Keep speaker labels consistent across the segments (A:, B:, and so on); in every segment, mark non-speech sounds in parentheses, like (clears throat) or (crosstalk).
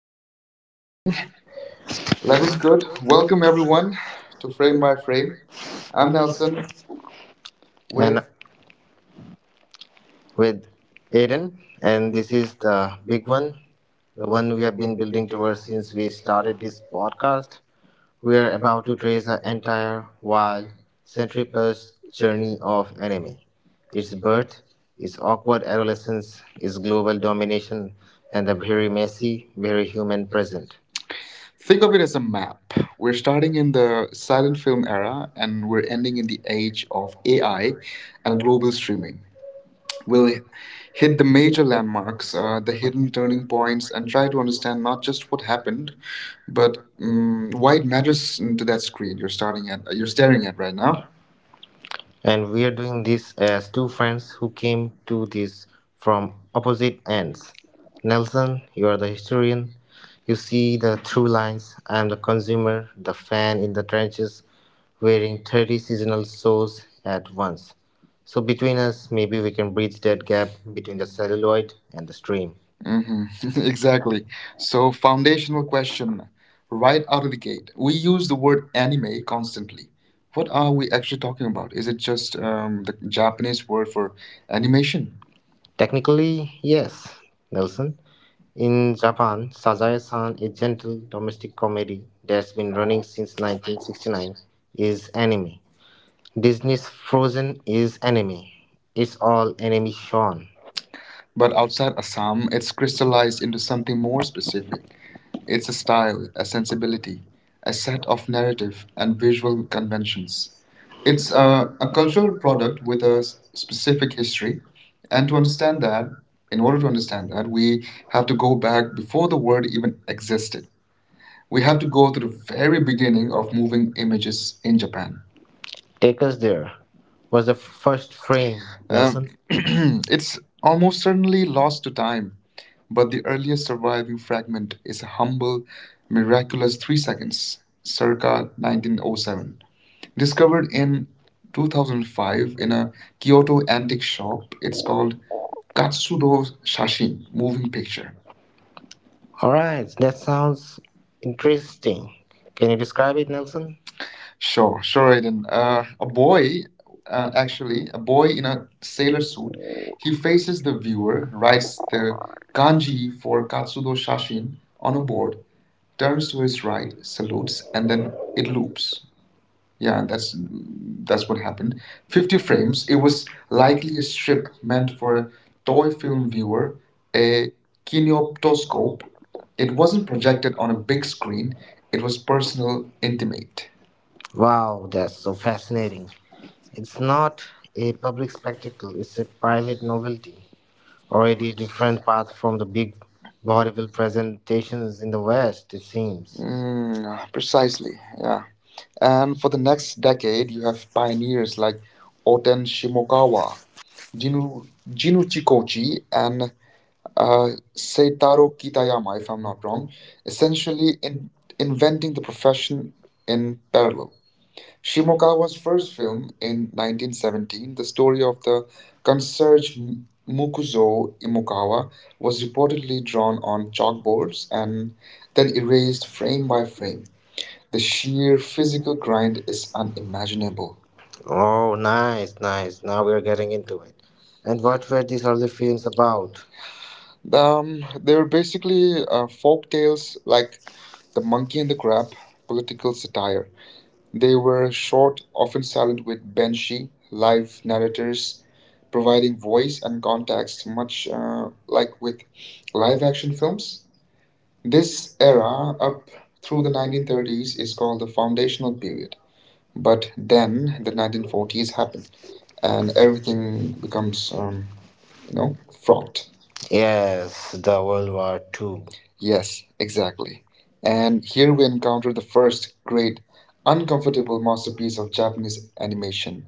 A: Okay,
B: Okay, recording.
A: recording. Level's
B: Lavender,
A: good. Welcome
B: welcome
A: everyone
B: everyone
A: to
B: to
A: Frame by
B: Framer
A: Frame. I'm Nelson
B: Awesome. And
A: with.
B: with Aiden. And this is the big one, the one we have been building towards since we started this podcast. We are about to trace the entire wild century plus journey of anime. Its birth, its awkward adolescence, its global domination, and the very messy, very human present.
A: Think
B: Think of
A: of it
B: it as
A: as a
B: a
A: map.
B: map.
A: We're
B: We're starting
A: starting in
B: with the
A: the silent
B: silent
A: film era and we're ending in the age of AI
B: I
A: and global streaming. We'll
B: will
A: hit the
B: hit many
A: major landmarks,
B: flowers,
A: the
B: the
A: hidden
B: hidden turning
A: turning points,
B: points
A: and try to understand not just what
B: will
A: happened,
B: happen,
A: but
B: but
A: why it matters to that
B: that's
A: screen
B: good.
A: you're staring at right now.
B: And we are doing this as two friends who came to this from opposite ends. Nelson, you are the historian. You see the through lines. I am the consumer, the fan in the trenches, wearing 30 seasonal shows at once. So between us, maybe we can bridge that gap between the celluloid and the stream.
A: Hmm. (laughs) Exactly. So, foundational question right out of the gate. We use the word
B: And
A: anime constantly. What are we actually talking about? Is it just the Japanese word for animation?
B: technically, yes, Nelson. In Japan, Sazae-san, a gentle domestic comedy that's been running since 1969, is anime. Disney's Frozen is anime. It's all anime shown.
A: But outside Assam, it's crystallized into something more specific. It's a style, a sensibility, a set of
B: Of narrative
A: narrative and
B: and visual
A: visual conventions.
B: cues.
A: It's
B: It's a
A: a cultural
B: cultural
A: product
B: product
A: with
B: with
A: a
B: a
A: specific
B: specific history,
A: history, and
B: and to understand that,
A: in
B: in
A: order
B: order
A: to
B: to
A: understand
B: understand that,
A: that, we
B: we
A: have
B: have
A: to
B: to
A: go
B: go
A: back before
B: before
A: the
B: the world
A: word
B: even.
A: even existed. We
B: We
A: have
B: have
A: to
B: to
A: go
B: go
A: to
B: to
A: the
B: the
A: very
B: very
A: beginning
B: beginning
A: of
B: of
A: moving
B: moving
A: images in
B: in Japan.
A: Japan.
B: Take us there was the first frame, Nelson.
A: (clears throat) It's almost certainly lost to time,
B: But
A: but
B: the
A: the earliest surviving fragment is a humble, miraculous
B: miraculous
A: 3 seconds,
B: circa
A: circa 1907. Discovered in 2005
B: 2005
A: in
B: in a
A: a Kyoto
B: Kyoto
A: antique
B: antique shop.
A: shop, it's
B: It's
A: called
B: called
A: Katsudō
B: Katsudor
A: Shashin,
B: Shashi
A: moving
B: Moving Picture.
A: picture.
B: All right, that sounds interesting. Can you describe it, Nelson?
A: Sure, sure, Aiden.
B: Actually,
A: A
B: a
A: boy
B: boy
A: in
B: in
A: a
B: a
A: sailor
B: sailor suit.
A: suit, he
B: He
A: faces
B: faces
A: the
B: the viewer,
A: viewer,
B: writes
A: writes
B: the
A: the kanji
B: kanji
A: for
B: for
A: Katsudō
B: Katsudor
A: Shashin
B: Shashin
A: on
B: on
A: a
B: a board,
A: board, turns
B: turns
A: to
B: to
A: his
B: his
A: right,
B: right,
A: salutes,
B: salutes,
A: and
B: and then
A: then it
B: it.
A: loops. Yeah,
B: Yeah,
A: that's
B: that's
A: that's what happened.
B: two
A: 50 frames.
B: frames.
A: It
B: It
A: was
B: was
A: likely
B: likely
A: a
B: a
A: strip
B: strip
A: meant
B: meant
A: for
B: for
A: a
B: a
A: toy
B: toy
A: film
B: film
A: viewer,
B: viewer, a
A: a kinoptoscope.
B: kinetoscope.
A: It
B: It
A: wasn't
B: wasn't
A: projected
B: projected
A: on
B: on
A: a
B: a
A: big
B: big
A: screen.
B: screen.
A: It
B: It
A: was
B: was
A: personal,
B: personal, intimate.
A: intimate.
B: Wow, that's so fascinating. It's not a public spectacle, it's a private novelty. Already a different path from the big vaudeville presentations in the West, it seems.
A: Mm, precisely. Yeah. And for the next decade, you have pioneers like Oten Shimokawa,
B: You
A: Jinu, Jinu Chikochi, and uh, Seitaro Kitayama, if I'm not wrong,
B: know,
A: essentially in,
B: invent
A: inventing the profession
B: in
A: in parallel. Shimokawa's
B: his
A: first
B: first
A: film
B: film in
A: in 1917, the story of the concierge Mukuzo
B: Imuka.
A: Imokawa, was reportedly drawn on chalkboards
B: Boards
A: and then
B: that
A: erased
B: erased
A: frame
B: frame
A: by
B: by frame
A: frame. The sheer
B: mere
A: physical
B: physical ground.
A: grind is unimaginable.
B: Oh, nice, nice. Now we're getting into it. And what were these early films about?
A: They were basically folk tales like The
B: They
A: Monkey and the Crab, political satire. They were short, often
B: often
A: silent,
B: started with
A: with
B: Banshee,
A: banshee
B: live
A: live narrators
B: writers providing
A: providing voice
B: voice
A: and
B: and
A: context, much
B: uh,
A: like with
B: live
A: live-action
B: action
A: films.
B: films.
A: This
B: This
A: era,
B: era
A: up
B: up
A: through
B: through
A: the
B: the
A: 1930s,
B: 1930s
A: is
B: is
A: called
B: called
A: the
B: the foundational
A: foundational period.
B: period.
A: But then
B: Then,
A: the 1940s happen, and
B: and everything
A: everything
B: becomes.
A: becomes, you know,
B: No? Fraud.
A: fraught.
B: Yes, the World War Two. Yes,
A: Yes,
B: exactly.
A: exactly.
B: And
A: And here
B: here
A: we
B: we
A: encounter
B: encounter
A: the
B: the
A: first
B: first
A: great,
B: great,
A: uncomfortable
B: uncomfortable
A: masterpiece
B: masterpiece
A: of
B: of
A: Japanese
B: Japanese animation,
A: animation,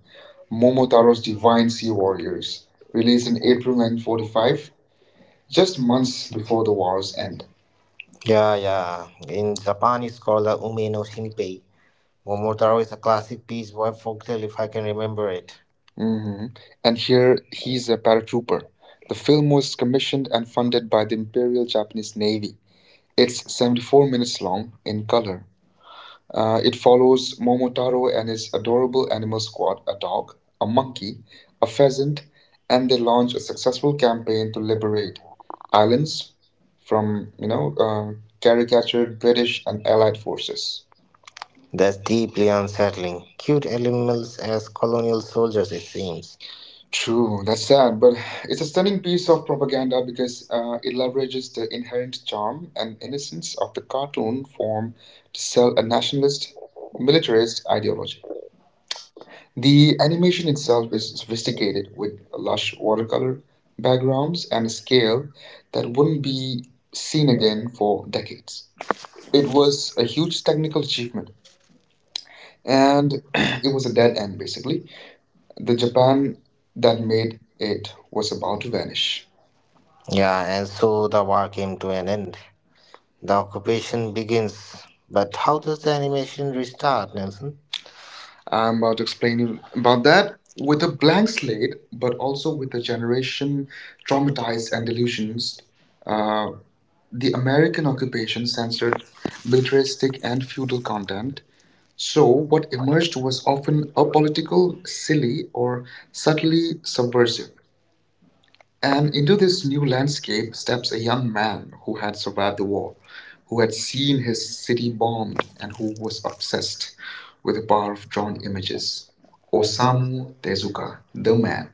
A: Momotaro's
B: Momotaro's Divine
A: Divine Sea
B: Sea
A: Warriors,
B: Warriors,
A: released
B: released in
A: in
B: April
A: April
B: 1945,
A: 1945, just
B: just
A: months
B: months
A: before
B: before
A: the
B: the
A: war's
B: war's
A: end.
B: end. Yeah, yeah. In Japanese scholar Ume no Shinpei, Momotaro is a classic piece by folktale if I can remember it. Mhm.
A: Hmm. And
B: And here's
A: here he's a paratrooper. The film was commissioned and funded by the Imperial Japanese Navy. It's 74 minutes long in color. It follows
B: Momotaro.
A: Momotaro and his adorable animal squad, a dog, a monkey, a pheasant, and they launch a successful campaign to liberate
B: Liberate, a
A: islands from, caricatured British
B: British
A: and Allied forces.
B: forces. That's deeply unsettling. Cute animals as colonial soldiers, it seems.
A: True,
B: True,
A: that's
B: that's
A: sad,
B: sad,
A: but
B: but
A: it's
B: it's
A: a
B: a
A: stunning
B: stunning
A: piece
B: piece
A: of
B: of
A: propaganda
B: propaganda
A: because
B: because it
A: it leverages
B: is
A: the
B: the
A: inherent charm and
B: innocent
A: innocence of the cartoon form to sell a nationalist, militarist
B: militarist.
A: ideology. The
B: The
A: animation
B: animation
A: itself
B: itself
A: is
B: is
A: sophisticated,
B: sophisticated
A: with lush
B: for
A: watercolor
B: color
A: backgrounds and a scale
B: that
A: that wouldn't
B: wouldn't be
A: be seen
B: seen
A: again
B: again
A: for
B: for
A: decades. It
B: it was
A: was a huge technical achievement,
B: (clears throat)
A: and (clears throat) it
B: it
A: was
B: was
A: a
B: a
A: dead
B: dead
A: end
B: end
A: basically.
B: basically
A: The Japan that
B: that
A: made
B: made
A: it
B: it.
A: was about to vanish.
B: Yeah, and so the war came to an end. The occupation begins. But how does the animation restart, Nelson?
A: I'm
B: I'm
A: about
B: not
A: to explain
B: explaining
A: you about
B: about
A: that
B: that.
A: with
B: With
A: a
B: a
A: blank
B: blank
A: slate,
B: slate,
A: but
B: but
A: also
B: also
A: with
B: with a
A: a
B: generation
A: generation traumatized
B: traumatized and
A: and
B: delusion.
A: delusions.
B: Uh,
A: uh,
B: The
A: The American
B: American
A: occupation
B: censored
A: censored
B: literature.
A: militaristic and feudal content, so
B: So
A: what
B: what
A: emerged
B: emerged
A: was
B: was
A: often
B: often
A: apolitical,
B: apolitical,
A: silly,
B: silly,
A: or
B: or subtly
A: subtly
B: subversive.
A: subversive. And
B: And
A: into
B: into
A: this
B: this
A: new
B: new
A: landscape
B: landscape
A: steps
B: steps
A: a
B: a
A: young
B: young man
A: man who
B: who
A: had
B: had
A: survived
B: survived
A: the
B: the war,
A: war, who
B: who
A: had
B: had
A: seen
B: seen his
A: his city
B: city bombed,
A: bombed, and
B: and
A: who
B: who
A: was
B: was
A: obsessed
B: obsessed
A: with
B: with
A: the
B: the
A: power
B: power
A: of
B: of
A: drawn
B: drawn
A: images.
B: images.
A: Osamu
B: Osamu Tezuka,
A: Tezuka, the
B: the
A: man.
B: man.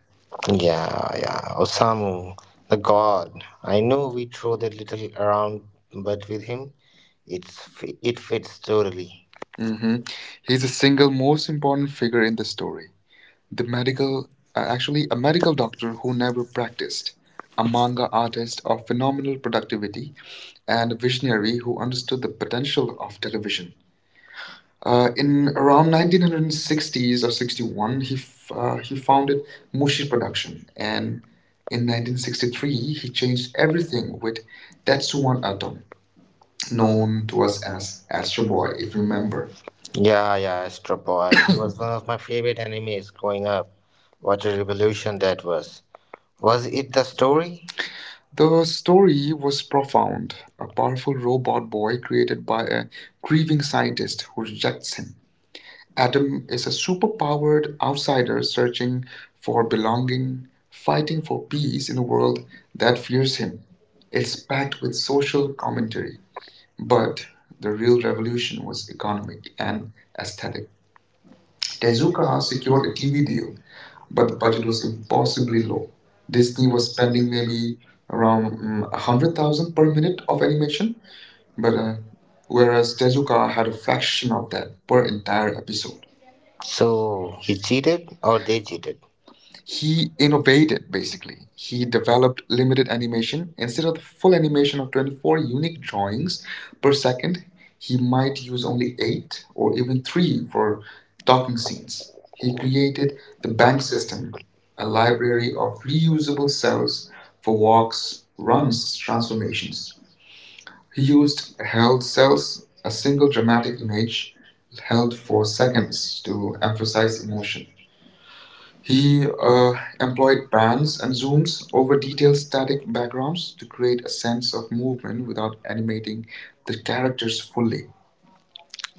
B: Yeah, yeah. Osamu, the god. I know we throw that little around, but with him, it fits totally. Hmm.
A: Mhm. He's
B: He's
A: the
B: a single
A: single most
B: most
A: important
B: important
A: figure
B: figure in
A: in the
B: the story.
A: story.
B: The
A: The
B: medical,
A: medical
B: actually,
A: actually
B: a
A: a
B: medical
A: medical
B: doctor
A: doctor
B: who
A: who
B: never
A: never
B: slept.
A: practiced, a manga artist of phenomenal productivity, and a visionary who understood the potential of television. In
B: In
A: around
B: around 1960s
A: 1960s or
B: or 61,
A: 61, he
B: he founded
A: founded Mushi
B: Mushi Production.
A: Production, and
B: And
A: in
B: in
A: 1963
B: 1963,
A: he
B: he
A: changed
B: changed
A: everything
B: everything
A: with
B: with
A: Tetsuwan
B: Tetsuwan Atom,
A: Atom, known
B: known
A: to
B: to
A: us
B: us
A: as
B: as
A: Astro
B: Astro
A: Boy,
B: Boy,
A: if
B: if
A: you
B: you
A: remember.
B: remember. Yeah, yeah, Astro Boy. He was one of my favorite enemies growing up. What a revolution that was. Was it the story?
A: The
B: The story
A: story was
B: was
A: profound:
B: profound. A
A: a powerful
B: powerful
A: robot
B: robot
A: boy
B: boy created
A: created by
B: by a
A: a grieving
B: grieving
A: scientist
B: scientist
A: who
B: who
A: rejects
B: rejects
A: him.
B: Adam
A: Adam
B: is
A: is a
B: a
A: superpowered
B: superpowered outsider
A: outsider searching
B: searching
A: for
B: for
A: belonging,
B: belonging, fighting
A: fighting for
B: for
A: peace
B: peace
A: in
B: in
A: a
B: a
A: world
B: world that
A: that
B: fears
A: fears him.
B: him.
A: It's
B: It's
A: packed
B: packed
A: with
B: with
A: social
B: social commentary,
A: commentary, but
B: but
A: the
B: the
A: real
B: real
A: revolution
B: revolution
A: was
B: was economic
A: economic and
B: and
A: aesthetic.
B: aesthetic.
A: Tezuka
B: Tezuka
A: secured
B: secured
A: a
B: a
A: TV
B: TV
A: deal,
B: deal,
A: but
B: but
A: the
B: the
A: budget
B: budget
A: was
B: was
A: impossibly
B: impossibly
A: low.
B: low.
A: Disney
B: Disney
A: was
B: was
A: spending
B: spending
A: maybe
B: maybe around
A: around 100,000
B: 100,000
A: per
B: per
A: minute
B: minute
A: of
B: of
A: animation,
B: animation,
A: but
B: but
A: whereas
B: whereas
A: Tezuka
B: Tezuka
A: had
B: had
A: a
B: a
A: fraction
B: fraction
A: of
B: of
A: that
B: that
A: per
B: per
A: entire
B: entire episode.
A: episode.
B: So he cheated or they cheated?
A: He innovated basically. He
B: He the
A: developed limited animation. Instead of the full
B: full
A: animation of
B: animation
A: 24
B: for
A: unique
B: unique.
A: drawings per second, he
B: He
A: might
B: might
A: use
B: use
A: only
B: only
A: 8
B: eight
A: or
B: or
A: even
B: even
A: 3
B: three
A: for
B: for
A: talking
B: docking
A: scenes.
B: scenes.
A: He
B: He
A: created
B: created
A: the
B: the
A: bank
B: bank system,
A: system, a
B: a
A: library
B: library
A: of
B: of
A: reusable
B: reusable
A: cells
B: cells
A: for
B: for
A: walks,
B: walks,
A: runs,
B: runs,
A: transformations.
B: transformations.
A: He
B: He
A: used
B: used
A: held
B: held
A: cells,
B: cells,
A: a
B: a
A: single
B: single
A: dramatic
B: dramatic
A: image
B: image
A: held
B: held
A: for
B: for
A: seconds
B: seconds
A: to
B: to
A: emphasize
B: emphasize emotion.
A: emotion. He
B: He
A: employed
B: employed
A: pans
B: bands
A: and
B: and
A: zooms
B: zooms
A: over
B: over
A: detailed
B: detailed
A: static
B: static background
A: backgrounds to
B: to
A: create
B: create
A: a
B: a
A: sense
B: sense
A: of
B: of
A: movement
B: movement.
A: without animating the characters fully.
B: Fully.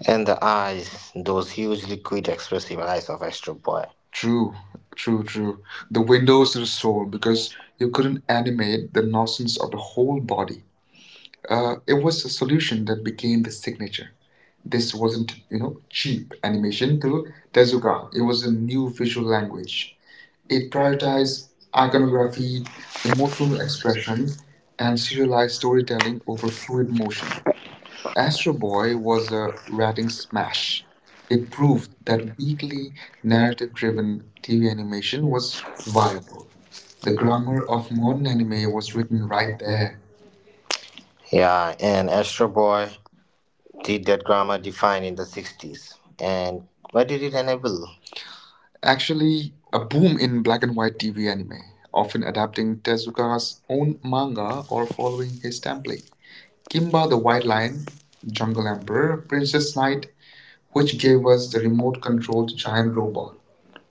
B: And the eyes, those huge liquid expressive eyes of Astro Boy.
A: True,
B: True,
A: true, true. The
B: the way
A: windows to the soul, because
B: because
A: you
B: you
A: couldn't
B: couldn't animate
A: animate the nonsense of the whole
B: whole body.
A: body. It
B: It
A: was a
B: was
A: solution that
B: a
A: became
B: thing
A: the signature. This
B: wasn't
A: wasn't, cheap
B: cheap.
A: animation
B: Addition
A: to
B: to
A: Tezuka.
B: Tezuka,
A: It
B: it
A: was
B: was
A: a
B: a
A: new
B: new
A: visual
B: visual
A: language.
B: language.
A: It
B: It
A: prioritized
B: prioritized iconography,
A: iconography, emotional
B: emotional expression,
A: expression, and
B: and
A: serialized
B: serialized storytelling
A: storytelling
B: over
A: over fluid
B: fluid
A: motion. Astro Boy was a
B: motion.
A: ratings smash. It
B: It
A: proved
B: proved
A: that
B: that people
A: weekly narrative
B: narrative
A: driven TV animation
B: representation
A: was
B: was
A: viable.
B: viable.
A: The
B: The
A: grammar
B: grammar
A: of
B: of modern
A: modern anime
B: language
A: was
B: was
A: written
B: written
A: right
B: right there.
A: there.
B: Yeah, and Astro Boy did that grammar defined in the 60s. And what did it enable? Actually,
A: Actually, a
B: a boom
A: boom
B: in
A: in black
B: black and
A: and white
B: white
A: TV
B: event,
A: anime, often
B: often adapted
A: adapting
B: into
A: Tezuka's
B: Tezuka's own
A: own
B: manga
A: manga
B: or
A: or
B: following
A: following
B: his
A: his template.
B: template.
A: Kimba
B: Kimba the
A: the White
B: White Lion,
A: Lion, Jungle
B: Jungle Emperor,
A: Emperor, Princess
B: Princess Knight,
A: Knight, which
B: which gave
A: gave us
B: us
A: the
B: the
A: remote
B: remote control
A: controlled
B: to
A: giant
B: giant robot.
A: robot.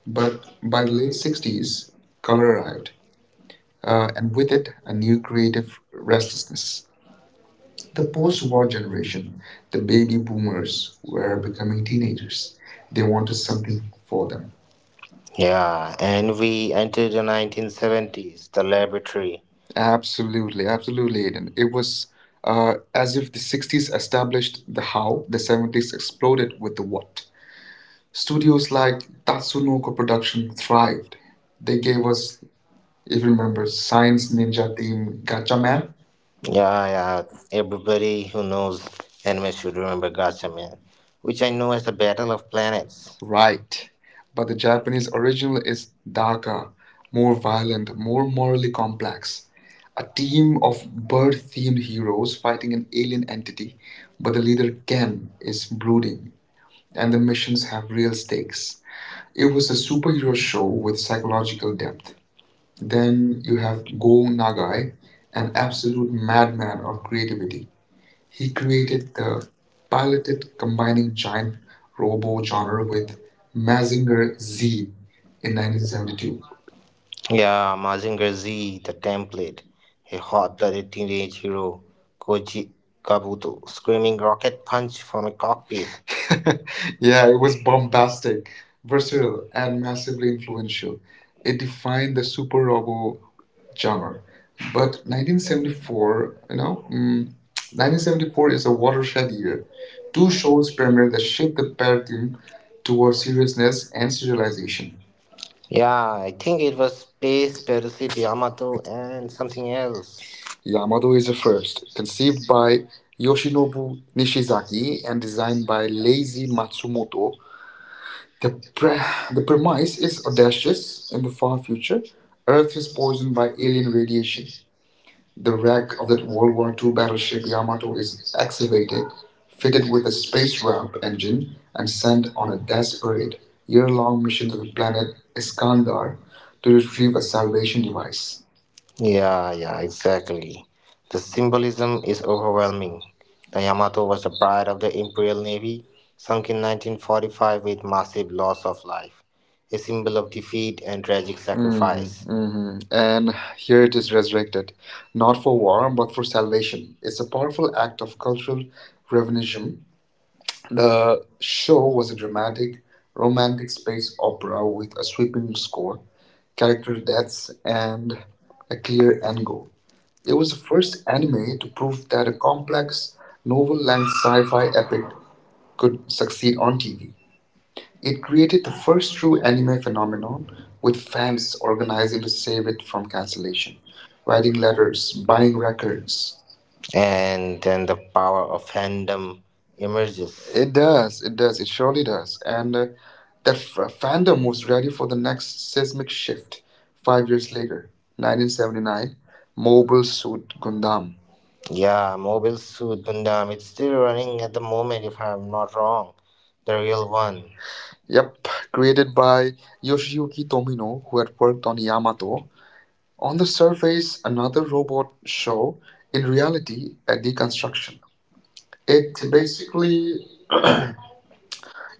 A: But
B: But
A: by
B: by
A: the
B: the
A: late
B: late
A: 60s,
B: 60s,
A: color
B: color
A: arrived,
B: arrived,
A: and
B: and
A: with
B: with
A: it,
B: it,
A: a
B: a
A: new
B: new creative
A: creative restlessness.
B: restlessness.
A: The
B: The
A: post
B: post
A: war
B: war
A: generation,
B: generation,
A: the
B: the
A: baby
B: baby
A: boomers,
B: boomers,
A: were
B: were
A: becoming
B: becoming
A: teenagers.
B: teenagers.
A: They
B: They
A: wanted
B: wanted
A: something
B: something
A: for
B: for
A: them.
B: them. Yeah, and we entered the 1970s, the laboratory.
A: Absolutely, absolutely, Aiden. It was as if the 60s established the how, the
B: The
A: 70s
B: 70s,
A: exploded with the what. Studios
B: studios,
A: like Tatsunoko
B: Sunoco
A: Production
B: production thrived.
A: thrived. They
B: They
A: gave
B: gave
A: us
B: us,
A: If
B: if
A: you
B: you
A: remember
B: remember,
A: Science
B: Science
A: Ninja
B: Ninja
A: Team
B: Team
A: Gatchaman?
B: Gatchaman. Yeah, yeah. Everybody who knows anime should remember Gatchaman, which I know as the Battle of Planets.
A: Right. But
B: But
A: the
B: the Japanese
A: Japanese original is darker, more
B: more
A: violent,
B: violent,
A: more
B: more
A: morally
B: morally complex.
A: complex. A
B: A
A: team
B: team of
A: of bird themed
B: bird-themed
A: heroes
B: heroes
A: fighting
B: fighting an
A: an alien
B: alien,
A: entity, but
B: but
A: the
B: the
A: leader
B: leader Ken,
A: Ken is brooding,
B: brooding,
A: and
B: and
A: the
B: the
A: missions
B: missions
A: have
B: have
A: real
B: real
A: stakes.
B: stakes.
A: It
B: It
A: was
B: was
A: a
B: a
A: superhero
B: superhero
A: show
B: show
A: with
B: with
A: psychological
B: psychological
A: depth.
B: depth.
A: Then
B: Then
A: you
B: you
A: have
B: have Go
A: Go Nagai,
B: Nagai,
A: an
B: an
A: absolute
B: absolute
A: madman
B: madman
A: of
B: of
A: creativity.
B: creativity.
A: He
B: He
A: created
B: created
A: the
B: the
A: piloted
B: piloted
A: combining
B: combining
A: giant
B: robo
A: robo genre
B: genre with
A: with
B: Mazinger
A: Mazinger
B: Z
A: Z in
B: in
A: nineteen
B: 1972.
A: seventy-two. (laughs)
B: Yeah, Mazinger Z, the template. A hot-blooded teenage hero, Koji Kabuto, screaming rocket punch from a cockpit.
A: Yeah,
B: Yeah,
A: it
B: it
A: was
B: was classic,
A: bombastic, versatile,
B: versatile,
A: and
B: and
A: massively
B: massively
A: influential.
B: influential.
A: It
B: It
A: defined
B: defined
A: the
B: the
A: super
B: robo
A: robo genre.
B: genre.
A: But
B: But
A: 1974,
B: 1974, you know. mm,
A: 1974
B: 1974
A: is
B: is
A: a
B: a
A: watershed
B: watershed
A: year.
B: year.
A: Two
B: Two
A: shows
B: shows
A: premiered
B: premiere
A: that
B: that
A: shift
B: shift
A: the
B: the
A: paradigm
B: paradigm
A: towards
B: towards
A: seriousness
B: seriousness
A: and
B: and
A: serialization.
B: serialization. Yeah, I think it was Space Piracy Yamato and something else.
A: Yamado is the first, conceived by Yoshinobu Nishizaki and
B: And
A: designed
B: designed
A: by
B: by
A: Leiji Matsumoto. The, pre-
B: pre-
A: the
B: the
A: premise is
B: premise audacious
A: audacious. In
B: in
A: the
B: the
A: far
B: form
A: future, Earth
B: Earth
A: is
B: is
A: poisoned
B: poisoned by
A: by alien
B: alien
A: radiation.
B: radiation.
A: The
B: The
A: wreck
B: wreck
A: of
B: of
A: that
B: that
A: World
B: World
A: War
B: War
A: II
B: II battleship
A: battleship Yamato
B: "Yamato" is
A: is excavated,
B: excavated,
A: fitted
B: fitted
A: with
B: with
A: a
B: a space
A: space wrap
B: spacecraft
A: engine,
B: engine,
A: and
B: and
A: sent
B: sent
A: on
B: on
A: a
B: a
A: desperate,
B: desperate,
A: year long
B: year-long
A: mission
B: mission
A: to
B: to
A: the
B: the
A: planet
B: planet
A: Iskandar
B: Iskandar
A: to
B: to
A: retrieve
B: retrieve
A: a
B: a
A: salvation
B: salvation
A: device.
B: device. Yeah, yeah, exactly. The symbolism is overwhelming. The Yamato was the pride of the Imperial Navy, sunk in 1945 with massive loss of life, a symbol of defeat and tragic sacrifice.
A: Mm-hmm. And here it is resurrected, not for war, but for salvation. It's a powerful act of cultural revisionism.
B: Revelation.
A: The
B: Show
A: show was
B: was
A: a
B: a
A: dramatic,
B: dramatic,
A: romantic
B: romantic
A: space
B: space
A: opera
B: opera
A: with
B: with
A: a
B: a
A: sweeping
B: sweeping
A: score, character
B: spectral depth
A: deaths, and
B: and
A: a
B: a
A: clear
B: clear
A: end goal.
B: angle.
A: It
B: It
A: was
B: was
A: the
B: the
A: first
B: first
A: anime
B: anime
A: to
B: to
A: prove
B: prove
A: that
B: that
A: a
B: a
A: complex,
B: complex
A: novel length
B: novel-length
A: sci fi
B: sci-fi
A: epic
B: epic
A: could
B: could
A: succeed
B: succeed
A: on
B: on
A: TV.
B: TV.
A: It
B: It
A: created
B: created
A: the
B: the
A: first
B: first
A: true
B: true
A: anime
B: anime phenomenon,
A: phenomenon, with
B: with
A: fans
B: fans
A: organizing
B: organizing
A: to
B: to
A: save
B: save
A: it
B: it,
A: from cancellation, writing
B: writing
A: letters,
B: letters,
A: buying
B: buying
A: records.
B: records, and then the power of fandom emerges.
A: It does, it does, it surely does. And
B: And
A: uh,
B: the
A: that f- uh, fandom
B: fandom
A: was
B: was
A: ready
B: ready
A: for
B: for
A: the
B: the next
A: next seismic shift. Five
B: five
A: years
B: years
A: later,
B: later,
A: 1979,
B: 1970.
A: Mobile Suit Gundam.
B: Yeah, mobile suit Gundam. It's still running at the moment, if I'm not wrong. The real one.
A: Yep, created by Yoshiyuki Tomino, who had worked on Yamato. On the surface,
B: Face
A: another
B: another.
A: robot show, in
B: In
A: reality,
B: reality,
A: a deconstruction. It
B: it
A: basically
B: basically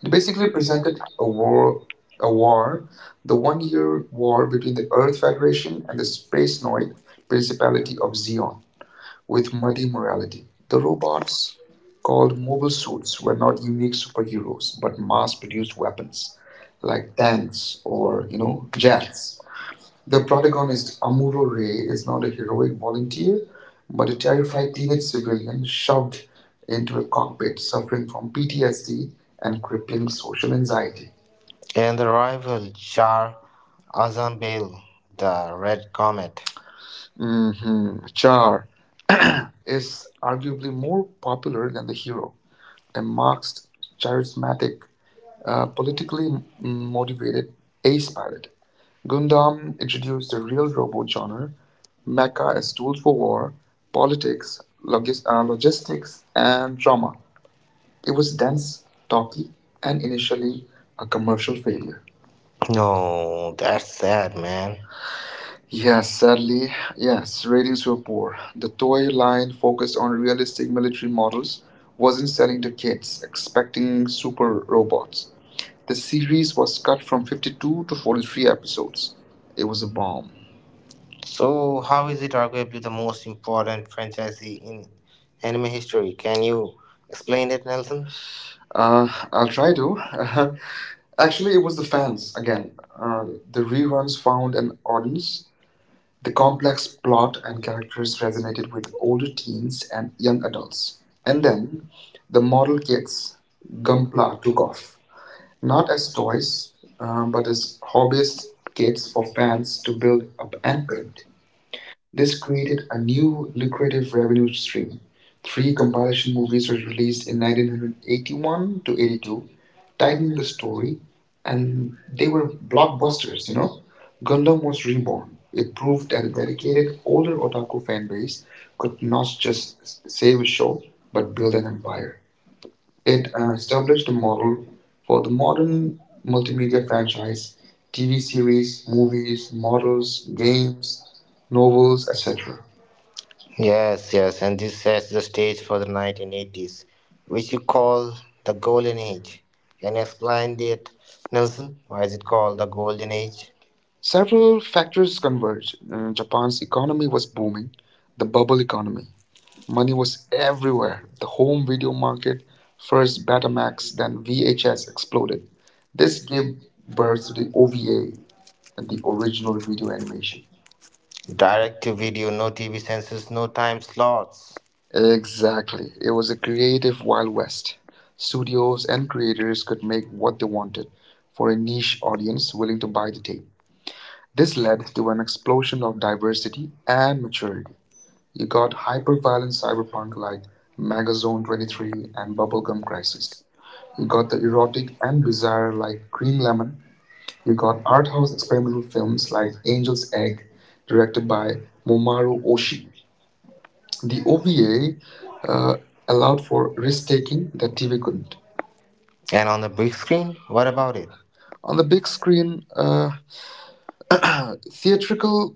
A: it
B: it
A: basically
B: basically
A: presented
B: presented a war,
A: a
B: a
A: war,
B: war,
A: the
B: the
A: one year
B: one-year
A: war
B: war
A: between
B: between
A: the
B: the
A: Earth
B: Earth
A: Federation
B: Federation
A: and
B: and
A: the
B: the Space
A: Spacenoid
B: Noid
A: Principality
B: Principality
A: of
B: of
A: Zeon,
B: Zeon,
A: with
B: with
A: muddy
B: muddy
A: morality.
B: morality.
A: The
B: The robots
A: robots, called
B: called
A: mobile
B: mobile
A: suits,
B: suits
A: were
B: were
A: not
B: not
A: unique
B: unique superheroes
A: superheroes, but mass produced weapons like
B: like
A: tanks
B: Dance
A: or
B: or
A: jets.
B: Jax.
A: The
B: The
A: protagonist
B: protagonist,
A: Amuro
B: Amuro
A: Ray
B: Ray,
A: is
B: is
A: not
B: not
A: a
B: a
A: heroic
B: heroic
A: volunteer,
B: volunteer,
A: but
B: but
A: a
B: a
A: terrified
B: terrified teenage
A: civilian
B: civilian shut
A: shoved into
B: into
A: a
B: a
A: cockpit
B: cockpit
A: suffering
B: suffering
A: from
B: from
A: PTSD
B: PTSD
A: and
B: and
A: crippling
B: crippling
A: social
B: social
A: anxiety.
B: anxiety. And the rival Jar Azan Bale, the Red Comet.
A: Hmm. Char is arguably more popular than the hero, a Marxist, charismatic, politically
B: Politically
A: motivated
B: motivated,
A: ace pilot. Gundam
B: Gundam
A: introduced
B: introduced
A: the
B: the
A: real
B: real
A: robot
B: robot genre,
A: genre, mecha
B: mecha
A: as
B: as
A: tools
B: tools for
A: for
B: war,
A: war, politics,
B: politics,
A: logistics,
B: logistics,
A: and
B: and
A: drama. It
B: it
A: was
B: was
A: dense,
B: dense,
A: talky,
B: talky,
A: and
B: and
A: initially
B: initially a
A: a
B: commercial
A: commercial
B: failure.
A: failure.
B: No, that's sad, man.
A: Yes,
B: Yes,
A: sadly,
B: sadly,
A: yes,
B: yes, ratings
A: ratings were
B: were
A: poor.
B: poor.
A: The
B: The
A: toy
B: toy line
A: line, focused
B: focused on
A: on realistic
B: realistic
A: military
B: military
A: models,
B: models,
A: wasn't
B: wasn't
A: selling
B: selling
A: to
B: the
A: kids expecting
B: practicing super
A: super robots.
B: robots. The
A: The series
B: series was
A: was cut from
B: 2
A: 52 to
B: to
A: 43
B: 43
A: episodes.
B: episodes.
A: It
B: It
A: was
B: was
A: a bomb.
B: So, how is it arguably the most important franchise in anime history? Can you explain it, Nelson?
A: I'll try to.
B: Uh-huh.
A: (laughs) Actually,
B: Actually,
A: it
B: it
A: was
B: was
A: the
B: the
A: fans
B: fans
A: again.
B: again.
A: The
B: The re
A: reruns found
B: found
A: an
B: an
A: audience.
B: audience
A: The complex plot and
B: and
A: characters
B: characters
A: resonated
B: resonated
A: with
B: with older
A: older teens
B: teens
A: and
B: and
A: young
B: young adults.
A: adults. And then,
B: Then
A: the
B: the model
A: model kids, Gunpla
B: Gunpla took
A: took
B: off,
A: off, not
B: not
A: as
B: as
A: toys,
B: toys,
A: but
B: but
A: as
B: as
A: hobbyist
B: hobbyist
A: kits
B: kits
A: for
B: for
A: fans
B: fans
A: to
B: to
A: build
B: build
A: up
B: up
A: and
B: and
A: paint.
B: paint.
A: This
B: This created
A: created a
B: a
A: new
B: new
A: lucrative
B: lucrative
A: revenue
B: revenue
A: stream.
B: stream.
A: Three
B: Three
A: compilation
B: compilation
A: movies
B: movies
A: were
B: were
A: released
B: released
A: in
B: in
A: 1981
B: 1981
A: to
B: to
A: 82,
B: 82,
A: tied
B: tightening
A: into
B: the
A: the story,
B: story,
A: and
B: and
A: they
B: they
A: were
B: were
A: blockbusters,
B: blockbusters,
A: you
B: you
A: know.
B: know.
A: Gundam
B: Gundam
A: was
B: was
A: reborn.
B: reborn.
A: It
B: It proved
A: proved that
B: that
A: a
B: a
A: dedicated
B: dedicated older
A: older otaku
B: otaku
A: fan base could
B: could
A: not
B: not just
A: just save
B: save
A: a
B: a
A: show,
B: show but
A: but
B: build
A: build an
B: an empire.
A: empire.
B: It
A: It
B: established
A: established a
B: a
A: model
B: model
A: for
B: for
A: the
B: the
A: modern
B: modern
A: multimedia
B: multimedia
A: franchise
B: franchise,
A: TV
B: TV series,
A: series, movies,
B: movies,
A: models,
B: models, games,
A: games, novels,
B: novels, etc.
A: etc.
B: Yes, yes, and this sets the stage for the 1980s, which you call the Golden Age. Can you explain it, Nelson? Why is it called the Golden Age?
A: Several factors converged. Japan's economy was booming, the bubble economy. Money was everywhere. The home video market, first Betamax, then
B: Than
A: VHS exploded. This
B: This
A: gave
B: gave birth
A: birth to
B: to
A: the
B: the OVA
A: OVA,
B: and
A: the
B: the
A: original
B: original
A: video
B: video
A: animation.
B: animation. Direct to video, no TV censors, no time slots.
A: Exactly. It was a creative Wild West. Studios and creators
B: Creators
A: could make what they wanted for a niche audience willing to buy the tape. This led to an explosion of diversity and maturity. You got
B: hyper-violent
A: hyper-violent cyberpunk
B: cyberpunk like
A: like Megazone
B: Magazone
A: 23
B: 23
A: and
B: and Doc.
A: Bubblegum Crisis.
B: We
A: You
B: got
A: got the
B: the erotic
A: erotic
B: and
A: and
B: bizarre
A: bizarre
B: like
A: like Cream
B: Green Lemon.
A: Lemon.
B: We
A: You got
B: got
A: art
B: art
A: house
B: house
A: experimental
B: experimental
A: films
B: films like
A: like Angel's
B: Angel's
A: Egg,
B: Egg,
A: directed
B: directed
A: by
B: by Momaru
A: Momaru
B: Oshii.
A: Oshii.
B: The
A: The
B: OVA
A: OVA uh,
B: uh, allowed
A: allowed
B: for
A: for
B: risk taking
A: risk-taking that
B: that
A: TV
B: TV couldn't.
A: couldn't.
B: And on the big screen, what about it?
A: On the big screen, theatrical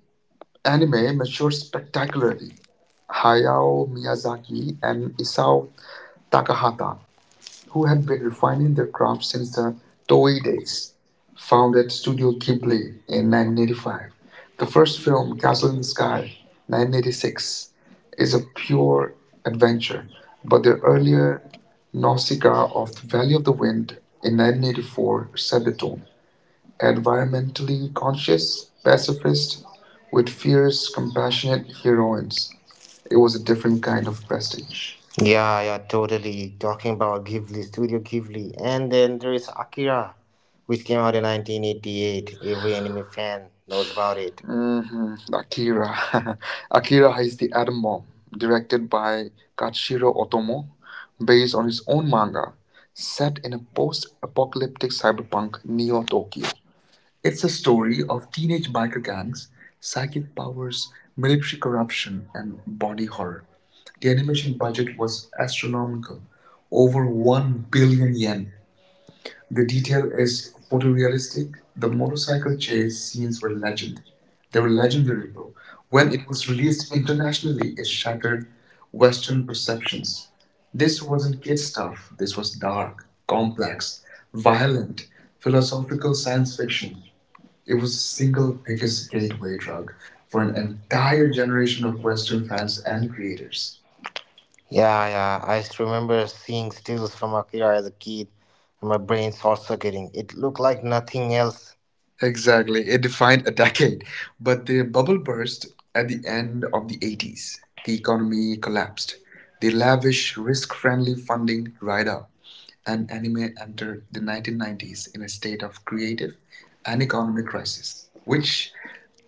A: anime
B: Anime
A: matured
B: matures
A: spectacularly.
B: Hayao
A: Hayao Miyazaki
B: Miyazaki and
A: and Isao Takahata, who
B: who have
A: had been
B: been
A: refining
B: refining their
A: their craft
B: craft
A: since
B: since the
A: the
B: Toei
A: Toei days,
B: days,
A: founded
B: founded Studio
A: Studio Ghibli
B: Ghibli
A: in
B: in
A: 1985.
B: 1985.
A: The
B: The first
A: first film,
B: film, Castle
A: Castle
B: in
A: in the
B: the
A: Sky,
B: Sky,
A: 1986,
B: 1986,
A: is
B: is
A: a
B: a
A: pure
B: pure adventure,
A: adventure,
B: but
A: but
B: the
A: their
B: earlier
A: earlier Nausicaa
B: Nausicaa
A: of
B: of
A: the Valley
B: Valley of
A: of the
B: the
A: Wind
B: Wind in
A: in
B: 1984
A: 1984
B: set
A: set the
B: the
A: tone.
B: tone. Environmentally
A: Environmentally conscious,
B: conscious
A: pacifist,
B: pacifist
A: with
B: with
A: fierce,
B: fierce,
A: compassionate
B: compassionate
A: heroines,
B: heroines.
A: it
B: It
A: was
B: was
A: a
B: a
A: different
B: different kind
A: kind
B: of
A: of
B: prestige.
A: prestige.
B: Yeah, yeah, totally. Talking about Ghibli, Studio Ghibli. And then there is Akira, which came out in 1988. Every anime fan knows about it. Mhm, Akira.
A: Akira.
B: (laughs)
A: (laughs) Akira
B: Akira
A: is
B: is
A: the
B: the atom
A: Atom
B: bomb,
A: Bomb,
B: directed
A: directed
B: by
A: by Katsuhiro
B: Katshiro Otomo,
A: Otomo, based
B: based
A: on
B: on
A: his
B: his own
A: own
B: manga,
A: manga,
B: set
A: set in a
B: in
A: post-apocalyptic
B: a
A: cyberpunk Neo
B: Neo
A: Tokyo.
B: Tokyo. It's
A: It's
B: a
A: a story
B: story
A: of
B: of teenage
A: teenage
B: biker
A: biker gangs,
B: gangs, psychic
A: psychic powers,
B: powers, military
A: military
B: corruption,
A: corruption,
B: and
A: and
B: body
A: body
B: horror.
A: horror. The
B: The
A: animation
B: animation
A: budget
B: budget
A: was
B: was astronomical,
A: astronomical, over
B: over
A: 1
B: 1 billion
A: billion yen,
B: yen.
A: the
B: The
A: detail
B: detail
A: is
B: is
A: photorealistic.
B: photorealistic.
A: The
B: The
A: motorcycle
B: motorcycle
A: chase
B: chase
A: scenes
B: scenes
A: were
B: were
A: legend.
B: legendary.
A: They
B: They
A: were
B: were
A: legendary,
B: legendary,
A: bro.
B: bro.
A: When
B: When
A: it
B: it
A: was
B: was
A: released
B: released
A: internationally,
B: internationally,
A: it
B: it
A: shattered
B: shattered
A: Western
B: Western
A: perceptions.
B: perceptions.
A: This
B: This
A: wasn't
B: wasn't
A: kid
B: kid
A: stuff.
B: stuff.
A: This
B: This
A: was
B: was dark,
A: dark, complex,
B: complex,
A: violent,
B: violent,
A: philosophical
B: philosophical
A: science
B: science
A: fiction.
B: fiction.
A: It
B: It was
A: was the
B: the single
A: single biggest
B: biggest
A: gateway
B: gateway
A: drug
B: drug
A: for
B: for
A: an
B: an
A: entire
B: entire
A: generation
B: generation
A: of
B: of
A: Western
B: Western
A: fans
B: fans
A: and
B: and
A: creators.
B: creators. Yeah, yeah. Remember seeing stills from Akira as a kid, and my brain short circuiting. It looked like nothing else.
A: Exactly. It defined a (laughs) decade. But
B: But
A: the
B: the
A: bubble
B: bubble
A: burst
B: burst
A: at
B: at
A: the
B: the
A: end
B: end
A: of the
B: of
A: 80s. The economy collapsed. The
B: the lab
A: lavish, risk friendly
B: friendly
A: funding
B: funding
A: dried up. And anime
B: anime
A: entered the
B: 1990
A: 1990s in a state of creative and
B: and
A: economic
B: economic
A: crisis,
B: crisis,
A: which
B: which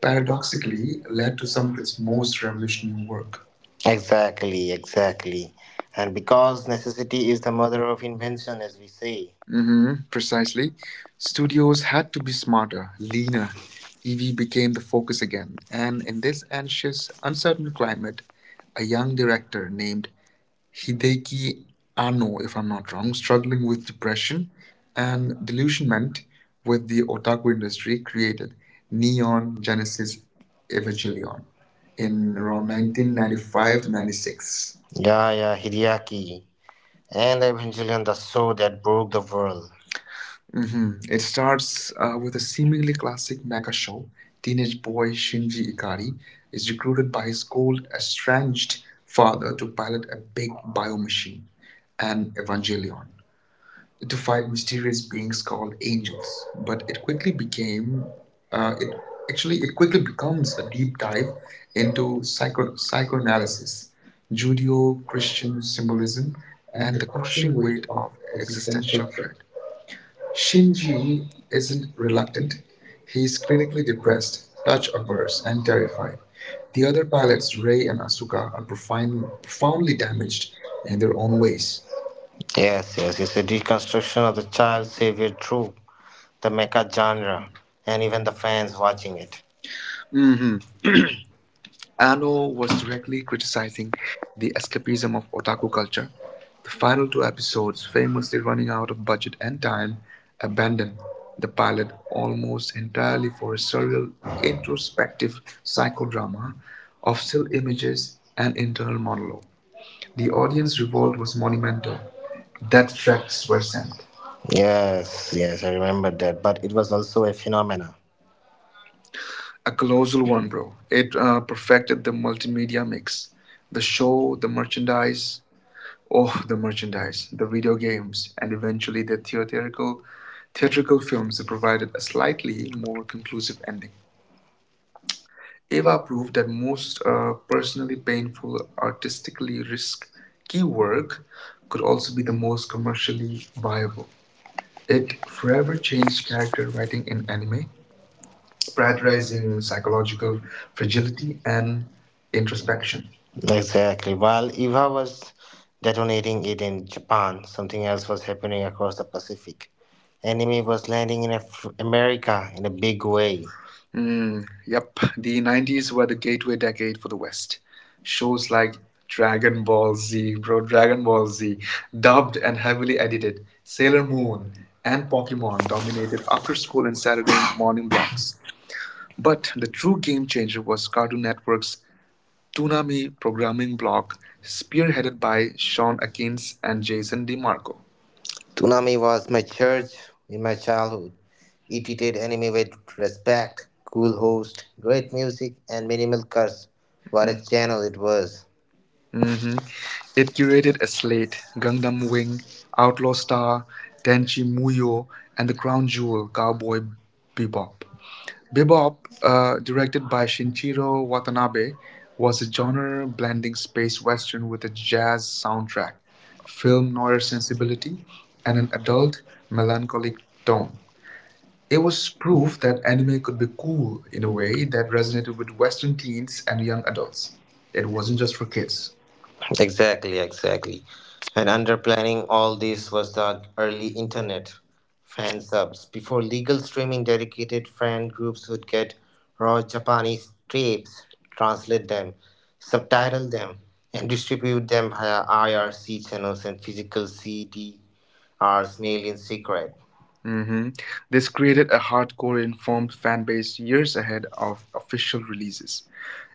A: paradoxically
B: paradoxically
A: led
B: led
A: to
B: to
A: some
B: some
A: of
B: of
A: its
B: its
A: most
B: most
A: revolutionary
B: revolutionary
A: work.
B: work. Exactly, exactly. And because necessity is the mother of invention, as we say.
A: Precisely. Studios had to be smarter, leaner. TV became the focus again. And in this anxious, uncertain climate, a young director named Hideki
B: He
A: Anno, if I'm not wrong, struggling
B: argued
A: with
B: with
A: depression and
B: and
A: delusionment with the otaku industry, created Neon
B: Neon Jack
A: Genesis Evangelion
B: Evangelion in
A: in around
B: around 1995.
A: 1995 to 96.
B: Yeah, yeah, Hideaki. And Evangelion, the show that broke the world.
A: It starts
B: A
A: with a seemingly classic mecha show.
B: teenage
A: Teenage boy
B: boy
A: Shinji
B: Shinji
A: Ikari is recruited by his
B: school
A: cold, estranged
B: banished
A: father
B: father
A: to
B: to
A: pilot
B: pilot
A: a
B: a big
A: big bio
B: bike
A: machine,
B: machine
A: an Evangelion,
B: to
A: to fight
B: fight
A: mysterious
B: mysterious
A: beings called
B: ages,
A: angels. But
B: but
A: it
B: it could
A: quickly
B: became,
A: became, it
B: it
A: actually
B: actually
A: it
B: it
A: quickly
B: quickly
A: becomes
B: becomes
A: a
B: a
A: deep
B: deep
A: dive
B: dive
A: into
B: into
A: psycho psychoanalysis,
B: psychoanalysis, Judeo-Christian
A: Judeo-Christian symbolism,
B: symbolism,
A: and
B: and
A: the
B: the
A: crushing
B: crushing weight
A: weight
B: of
A: of existential
B: existential
A: dread.
B: threat.
A: Shinji
B: Shinji
A: isn't
B: isn't
A: reliant;
B: reluctant;
A: he is
B: he's
A: clinically
B: clinically
A: depressed,
B: depressed, touch
A: touch-averse,
B: averse,
A: and
B: and
A: terrified.
B: terrified.
A: The
B: The
A: other
B: other
A: pilots,
B: pilots,
A: Rei
B: Rei
A: and
B: and
A: Asuka,
B: Asuka,
A: are
B: are profound,
A: profound, profoundly
B: profoundly
A: damaged
B: damaged
A: in
B: in
A: their
B: their
A: own
B: own
A: ways.
B: ways. Yes, yes, it's a deconstruction of the child savior trope the mecha genre, and even the fans watching it.
A: hmm Anno was directly criticizing the
B: The
A: escapism of otaku culture. The final two episodes, famously running out of budget and time, abandon the pilot almost entirely
B: entirely
A: for a
B: for several
A: surreal,
B: intros,
A: introspective psychodrama of still
B: still
A: images
B: images,
A: and
B: and inter.
A: internal monologue. The
B: The
A: audience
B: audience
A: revolt
B: revolt
A: was
B: was monumental.
A: monumental. Death
B: Death threats
A: threats
B: were
A: were
B: sent.
A: sent.
B: Yes, yes, I remember that. But it was also a phenomena.
A: A colossal one, bro. It perfected the multimedia mix. The show, the merchandise, oh, the merchandise, the video games, and eventually the theatrical,
B: People,
A: theatrical films that provided a slightly more conclusive ending. Ava
B: Ava
A: proved
B: proved
A: that
B: that
A: most
B: most
A: personally painful,
B: people
A: artistically risky
B: key
A: work
B: work
A: could
B: could
A: also
B: also
A: be
B: be
A: the
B: the
A: most
B: most
A: commercially
B: commercially viable.
A: viable. It
B: It
A: forever
B: forever
A: changed
B: changed character
A: character writing
B: writing
A: in
B: in anime,
A: anime, prioritizing
B: prioritizing psychological
A: psychological fragility
B: fragility
A: and
B: and
A: introspection.
B: introspection? Exactly. While Eva was detonating it in Japan, something else was happening across the Pacific. Anime was landing in America in a big way.
A: Mm, yep, the 90s were the gateway decade for the West. Shows
B: Shows like
A: like Dragon Ball Z, bro,
B: Zero,
A: Dragon Ball Z, dubbed
B: dubbed
A: and
B: and
A: heavily
B: heavily
A: edited,
B: edited,
A: Sailor
B: Sailor
A: Moon,
B: Moon
A: and
B: and Pokemon
A: Pokemon dominated
B: dominated.
A: after school and Saturday (sighs) morning blocks. But the true game changer was Cartoon Network's
B: (coughs)
A: Toonami programming block,
B: Tuna
A: spearheaded by Sean Akins and Jason DeMarco.
B: Tsunami was my church in my childhood. It treated anime with respect, cool host, great music, and minimal curse. What a channel it was.
A: hmm It curated a slate: Gangnam Wing, Outlaw Star, Tenchi Muyo, and the crown jewel, Cowboy Bebop. Bebop, directed by Shinichiro Watanabe, was a
B: Was
A: genre blending space western with a jazz soundtrack,
B: film
A: film noir
B: nerds
A: sensibility, and
B: and
A: an
B: an adult
A: adult, melancholic
B: melancholic tone.
A: tone. It
B: It
A: was
B: was
A: proof
B: proof
A: that
B: that
A: anime
B: anime
A: could
B: could
A: be
B: be cool
A: cool
B: in
A: in a
B: a way
A: way that
B: that
A: resonated
B: resonated
A: with
B: with
A: Western
B: Western
A: teens and young adults.
B: themes.
A: It
B: It
A: wasn't
B: wasn't
A: just
B: just
A: for
B: for
A: kids.
B: kids. Exactly, exactly. And under planning all this was the early internet fan subs. Before legal streaming, dedicated fan groups would get raw Japanese tapes, translate them, subtitle them, and distribute them via IRC channels and physical CDRs, mail in secret.
A: Mhm. This created a hardcore informed fan base years ahead of official releases.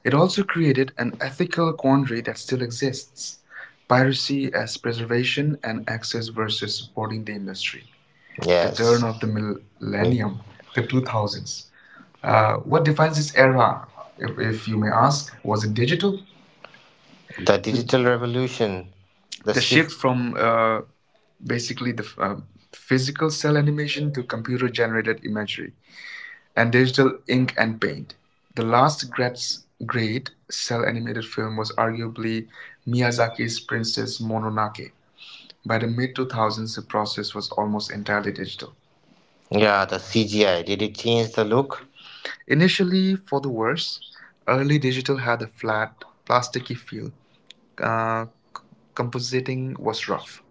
A: It
B: It
A: also
B: also
A: created an ethical quandary that still exists,
B: inspired
A: piracy as
B: experimentation.
A: preservation and access versus supporting the industry. The
B: Yes.
A: turn of
B: Turn
A: the
B: the
A: millennium,
B: millennium,
A: the
B: the
A: 2000s.
B: 2000s.
A: Uh, what
B: What
A: defines
B: defines
A: this
B: this era,
A: era, if,
B: if
A: if you
B: you
A: may
B: may
A: ask?
B: ask?
A: Was
B: Was
A: it
B: it
A: digital?
B: digital? The digital revolution, the
A: The
B: just
A: shift from
B: basic
A: basically the physical cell animation to computer generated imagery and digital ink
B: ink
A: and paint. The last great
B: scraps.
A: cel animated film was arguably
B: Miyazaki's
A: Miyazaki's Princess Mononoke. By the mid 2000s, the process
B: process
A: was
B: was
A: almost
B: almost
A: entirely digital.
B: yeah, the CGI. Did it change the look?
A: Initially, for the worse, early digital had a flat, plasticky feel. Uh, compositing was rough,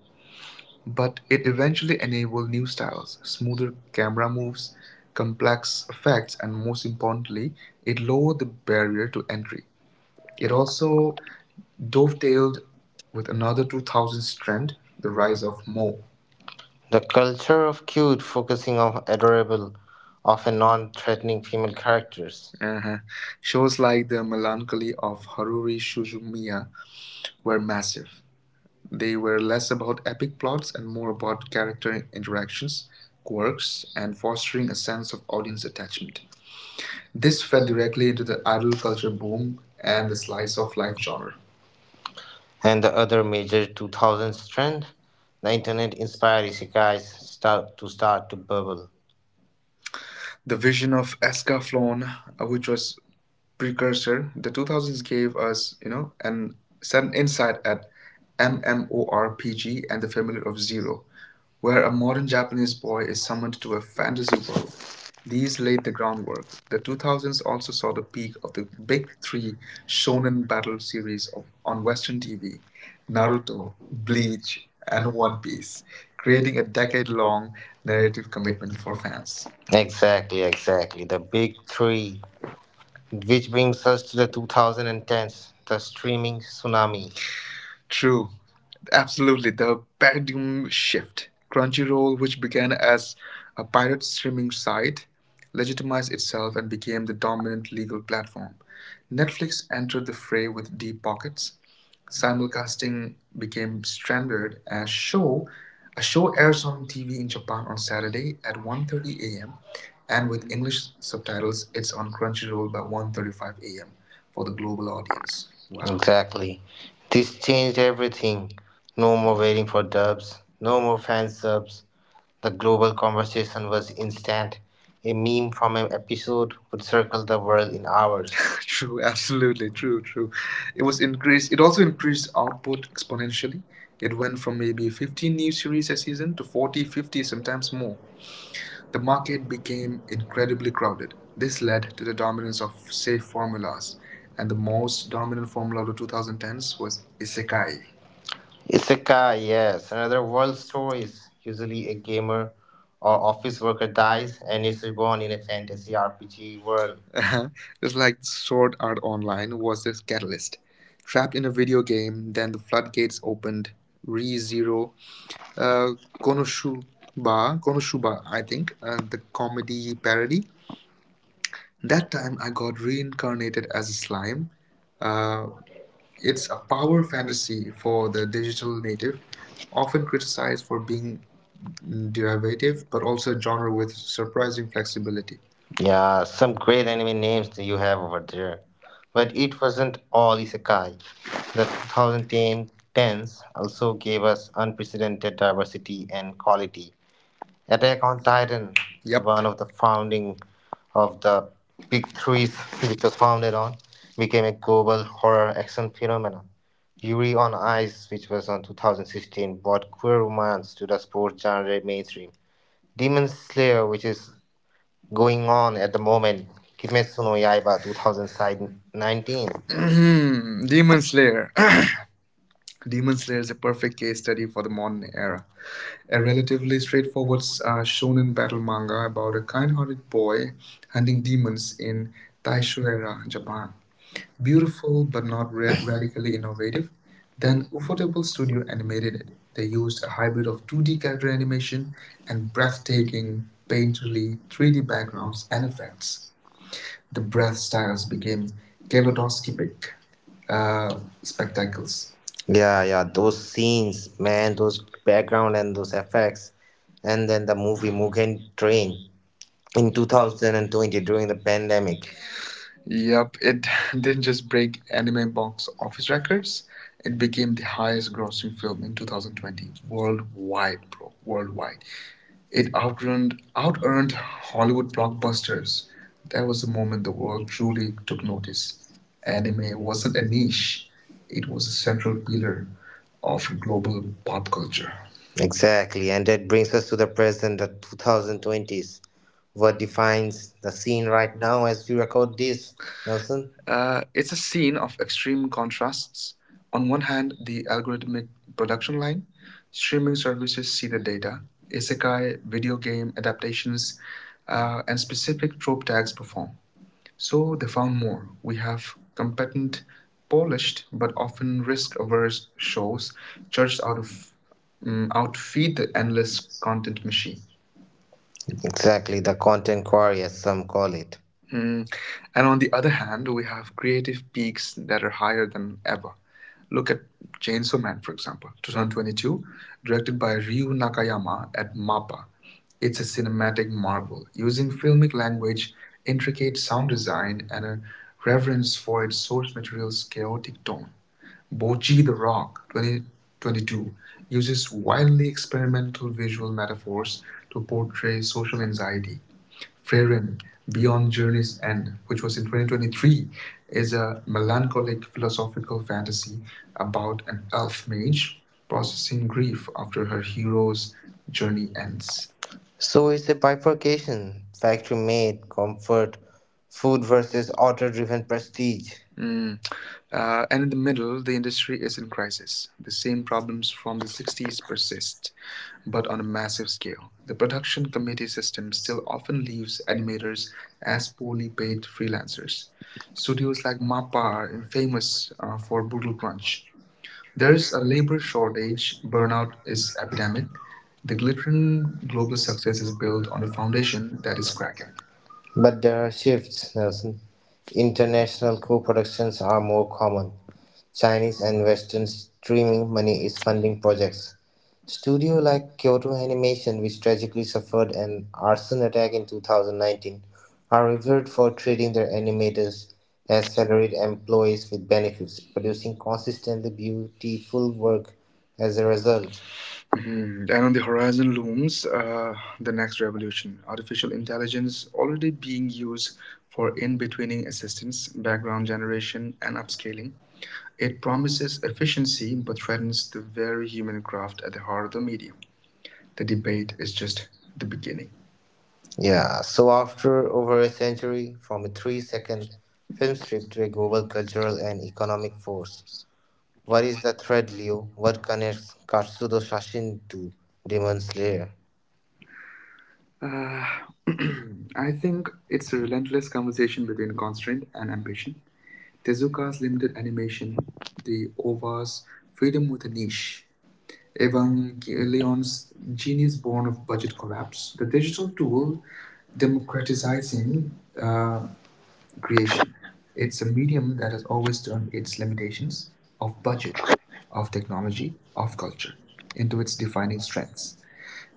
B: But
A: but it
B: it
A: eventually
B: eventually
A: enabled
B: enabled
A: new
B: new
A: styles,
B: styles,
A: smoother
B: smoother
A: camera
B: camera
A: moves,
B: moves,
A: complex
B: complex
A: effects,
B: effects,
A: and
B: and
A: most
B: most
A: importantly,
B: importantly,
A: it
B: it
A: lowered
B: lowered
A: the
B: the
A: barrier
B: barrier
A: to
B: to entry.
A: entry. It
B: It also
A: also dovetailed
B: dovetailed
A: with
B: with
A: another
B: another
A: 2000s
B: 2000s
A: trend,
B: trend,
A: the
B: the
A: rise
B: rise of
A: of Moe.
B: mo. The culture of cute focusing on adorable, often non-threatening female characters.
A: Uh-huh. Shows like The Melancholy of Haruki Suzumiya were massive. They were less about epic plots and more about character interactions, quirks, and fostering a sense of audience attachment. This
B: This
A: fed
B: fell
A: directly
B: directly
A: into
B: into the
A: the idol
B: adult
A: culture
B: culture boom
A: boom and
B: and
A: the
B: the
A: slice
B: slice
A: of
B: of life
A: life
B: genre.
A: genre.
B: And the other major 2000s trend, the internet-inspired isekais start to bubble.
A: The vision of Escaflowne, which was precursor, the 2000s gave us, an sudden insight at MMORPG and the familiar of Zero, where a modern Japanese boy
B: Or
A: is summoned to a fantasy
B: fantasy
A: world.
B: stories,
A: These laid the groundwork. The
B: the
A: 2000s also saw the peak of the big three shonen
B: shonen,
A: battle series of, on Western TV: Naruto,
B: Naruto,
A: Bleach,
B: Bleach,
A: and
B: and
A: One
B: One
A: Piece,
B: Piece, creating
A: creating a decade
B: a
A: long
B: long narrative.
A: narrative commitment for fans.
B: Exactly, exactly. The big three. Which brings us to the 2010s, the streaming tsunami.
A: True. Absolutely. The paradigm shift. Crunchyroll, which began as a pirate streaming site, legitimized itself and became the dominant legal platform. Netflix entered the fray with deep pockets. Simulcasting became standard as show.
B: Show
A: A
B: show a
A: show
B: show
A: airs
B: airs on
A: on
B: on
A: TV
B: TV
A: in
B: in
A: Japan
B: Japan
A: on Saturday at 1:30
B: a.m.,
A: a.m. and
B: and
A: with
B: with
A: English
B: English
A: subtitles,
B: subtitles,
A: it's
B: it's
A: on
B: on
A: Crunchyroll
B: Crunchyroll
A: by
B: at
A: one
B: one
A: thirty-five
B: thirty-five a
A: a.m.
B: m
A: for
B: for
A: the
B: the
A: global
B: global
A: audience.
B: audience.
A: Wow.
B: Exactly. This changed everything. No more waiting for dubs, no more fan subs, the global conversation was instant. A meme from an episode would circle the world in hours.
A: (laughs) True, absolutely true, true. It was increased. It also increased output exponentially. It went
B: Everyone
A: from
B: from
A: maybe 15
B: seeing
A: new
B: me
A: series a season to 40, 50, sometimes more. The
B: the market
A: market became incredibly
B: incredibly crowded.
A: crowded. This
B: This
A: led
B: led
A: to the dominance
B: to
A: of safe
B: safe
A: formulas,
B: formulas,
A: and
B: and
A: the
B: the
A: most
B: most
A: dominant
B: dominant
A: formula
B: formula
A: of the
B: with
A: 2010s
B: friends
A: was
B: was
A: isekai.
B: Sekai. Isekai, yes, another world stories. Usually a gamer or office worker dies and is reborn in a fantasy RPG world.
A: (laughs) Just like Sword Art Online was this catalyst. Trapped in a video game, then the floodgates opened. ReZero,
B: By
A: uh, Konoshuba, I think, the comedy parody. That
B: that
A: time
B: time,
A: I got reincarnated as a slime. Uh,
B: Uh,
A: it's
B: it's
A: a
B: a
A: power
B: power
A: fantasy
B: fantasy
A: for
B: for
A: the
B: the
A: digital native, often
B: often
A: criticized for being derivative,
B: derivative,
A: but
B: but
A: also
B: also
A: a
B: a
A: genre
B: genre
A: with
B: with surprising.
A: surprising flexibility.
B: Yeah, some great anime names that you have over there. But it wasn't all isekai. The 2010s also gave us unprecedented diversity and quality. Attack on Titan, yep, one
A: Yep.
B: of the founding of the Big Threes, which was founded on, became a global horror action phenomenon. Yuri on Ice, which was on 2016, brought queer romance to the sports genre mainstream. Demon Slayer, which is going on at the moment, Kimetsu no Yaiba 2019.
A: (clears throat) Demon Slayer. (coughs) (clears throat) Demon Slayer is a perfect case study for the modern era, a
B: Errands
A: relatively straightforward
B: are
A: shonen battle manga about a kind-hearted
B: kind-hearted
A: boy
B: boy
A: hunting
B: hunting
A: demons
B: dreams
A: in
B: in
A: Taisho
B: Taishuera.
A: era Japan. Beautiful
B: Beautiful
A: but
B: but
A: not
B: not
A: ra-
B: very
A: radically
B: radically innovative.
A: innovative, then
B: Then
A: Ufotable
B: Ufotable
A: Studio
B: Studio
A: animated
B: animated.
A: it. They
B: They
A: used
B: used
A: a
B: a
A: hybrid
B: hybrid
A: of
B: of
A: 2D
B: 2D
A: character
B: character
A: animation
B: animation
A: and
B: and
A: breathtaking,
B: breathtaking, painterly
A: painterly
B: 3D
A: 3D backgrounds
B: backgrounds
A: and
B: and
A: effects.
B: effects.
A: The
B: The
A: breath
B: breath
A: styles
B: styles
A: became
B: begin Galodonskipic
A: kaleidoscopic uh, spectacles.
B: spectacles. Yeah, yeah, those scenes, man, those background and those effects, and then the movie Mugen Train in 2020 during the pandemic.
A: Yup, it (laughs) didn't just
B: Break
A: break anime
B: anime.
A: box office records,
B: It
A: it became
B: became
A: the
B: the
A: highest grossing
B: film
A: film in
B: in 2020
A: 2020
B: worldwide.
A: worldwide, bro,
B: Worldwide.
A: worldwide. It
B: It
A: outearned,
B: outrun out-earned
A: out-earned Hollywood
B: Hollywood
A: blockbusters.
B: blockbusters. That
A: That
B: was
A: was the
B: the
A: moment
B: moment the
A: the world
B: world truly
A: truly
B: took
A: took notice.
B: notice.
A: Anime
B: Anime wasn't
A: wasn't a
B: a
A: niche,
B: niche;
A: it
B: it was
A: was
B: a
A: a central
B: central
A: pillar
B: pillar of
A: of
B: global
A: global pop
B: pop culture.
A: culture.
B: Exactly, and that brings us to the present, the 2020s. What defines the scene right now as we record this, Nelson?
A: It's a scene of extreme contrasts. On one hand, the
B: The
A: algorithmic production
B: production
A: line,
B: line, streaming
A: streaming
B: service
A: services see
B: see
A: the
B: the day,
A: data, isekai,
B: isekai,
A: video
B: video game,
A: game adaptations, and
B: and
A: specific
B: specific.
A: trope tags perform. So
B: So
A: they
B: they found
A: found
B: more.
A: more. We
B: We
A: have
B: have
A: competent, polished,
B: polished but
A: but often
B: often
A: risk averse
B: risk-averse
A: shows,
B: shows
A: judged
B: church out
A: out
B: of
A: of
B: outfeed
A: outfeed the
B: the
A: endless
B: endless.
A: content machine.
B: Exactly, the content quarry, as some call it.
A: Mm. And on the other hand, we have creative peaks that are higher than ever. Look at Chainsaw Man, for example, 2022,
B: Directed
A: directed by Ryu Nakayama at MAPPA.
B: its
A: It's a cinematic
B: aesthetic
A: marvel,
B: marvel,
A: using
B: using
A: filmic
B: filmic
A: language,
B: language,
A: intricate
B: sound
A: sound design,
B: design,
A: and a
B: and
A: reverence
B: reverence
A: for
B: for its
A: its source
B: source
A: material's
B: material's chaotic.
A: chaotic tone. Bochi
B: Bochi the
A: the
B: Rock,
A: Rock 2022
B: 2022,
A: uses
B: uses
A: wildly
B: wildly experimental
A: experimental
B: visual
A: visual
B: methods
A: metaphors
B: to
A: to portray
B: portray
A: social
B: social anxiety.
A: anxiety. Freyren,
B: Freeland,
A: Beyond
B: "Beyond
A: Journey's
B: Journey's
A: End,
B: End", which
A: which was
B: was
A: in
B: in
A: 2023,
B: 2023, is
A: is a
B: a melancholic
A: melancholic philosophical
B: philosophical fantasy
A: fantasy
B: about
A: about
B: an
A: an
B: elf
A: elf mage
B: mage
A: processing
B: processing grief
A: grief after
B: after
A: her
B: her
A: hero's
B: hero's journey
A: journey ends.
B: ends. So it's a bifurcation factory made comfort food versus author driven prestige.
A: Mm. And in the middle, the industry is in crisis. The same problems from the 60s persist, but on a massive scale. The production committee system still
B: Still,
A: often leaves animators as poorly
B: fully
A: paid
B: freelance,
A: freelancers.
B: suited
A: Studios like MAPPA are infamous for
B: for
A: brutal
B: both.
A: crunch.
B: There is
A: There's a labor
B: for
A: shortage,
B: which burnout
A: burnout is
B: is
A: epidemic.
B: apprehended.
A: The
B: The
A: glittering
B: glittering global
A: global success
B: surface
A: is
B: is
A: built
B: built
A: on
B: on
A: a
B: a foundation
A: foundation
B: that
A: that is
B: is
A: cracking.
B: quadratic. But there are shifts, Nelson. International co productions are more common. Chinese and Western streaming money is funding projects. Studio like Kyoto Animation, which tragically suffered an arson attack in 2019, are revered for treating their animators as salaried employees with benefits, producing consistently beautiful work as a result.
A: Mhm. And on the horizon looms the next revolution, artificial intelligence, already being used for in betweening assistance, background generation, and upscaling. It promises efficiency but threatens the very human craft at the heart of the medium. The debate is just the beginning.
B: Yeah, so after over a century, from a 3-second film strip to a global cultural and economic force, what is the thread, Leo? What connects Katsudo Sashin to Demon Slayer? Uh,
A: Uh, (clears throat)
B: (clears throat)
A: I
B: I think
A: think it's a relentless conversation between constraint and ambition. Tezuka's
B: Suka's
A: limited
B: limited
A: animation,
B: animation,
A: the OVA's freedom with a niche, Evangelion's
B: Evangelion's
A: genius
B: genius
A: born
B: born
A: of
B: of
A: budget
B: budget
A: collapse,
B: collapse,
A: the
B: the
A: digital
B: digital tool
A: tool democratizing
B: democratizing
A: uh,
B: uh,
A: creation.
B: creation.
A: It's
B: It's
A: a
B: a
A: medium
B: medium
A: that
B: that
A: has
B: has
A: always
B: always
A: turned
B: turned
A: its
B: its
A: limitations
B: limitations
A: of
B: of budget,
A: budget, of
B: of
A: technology,
B: technology,
A: of
B: of culture
A: culture into
B: into
A: its
B: its
A: defining
B: defining
A: strengths.
B: strengths.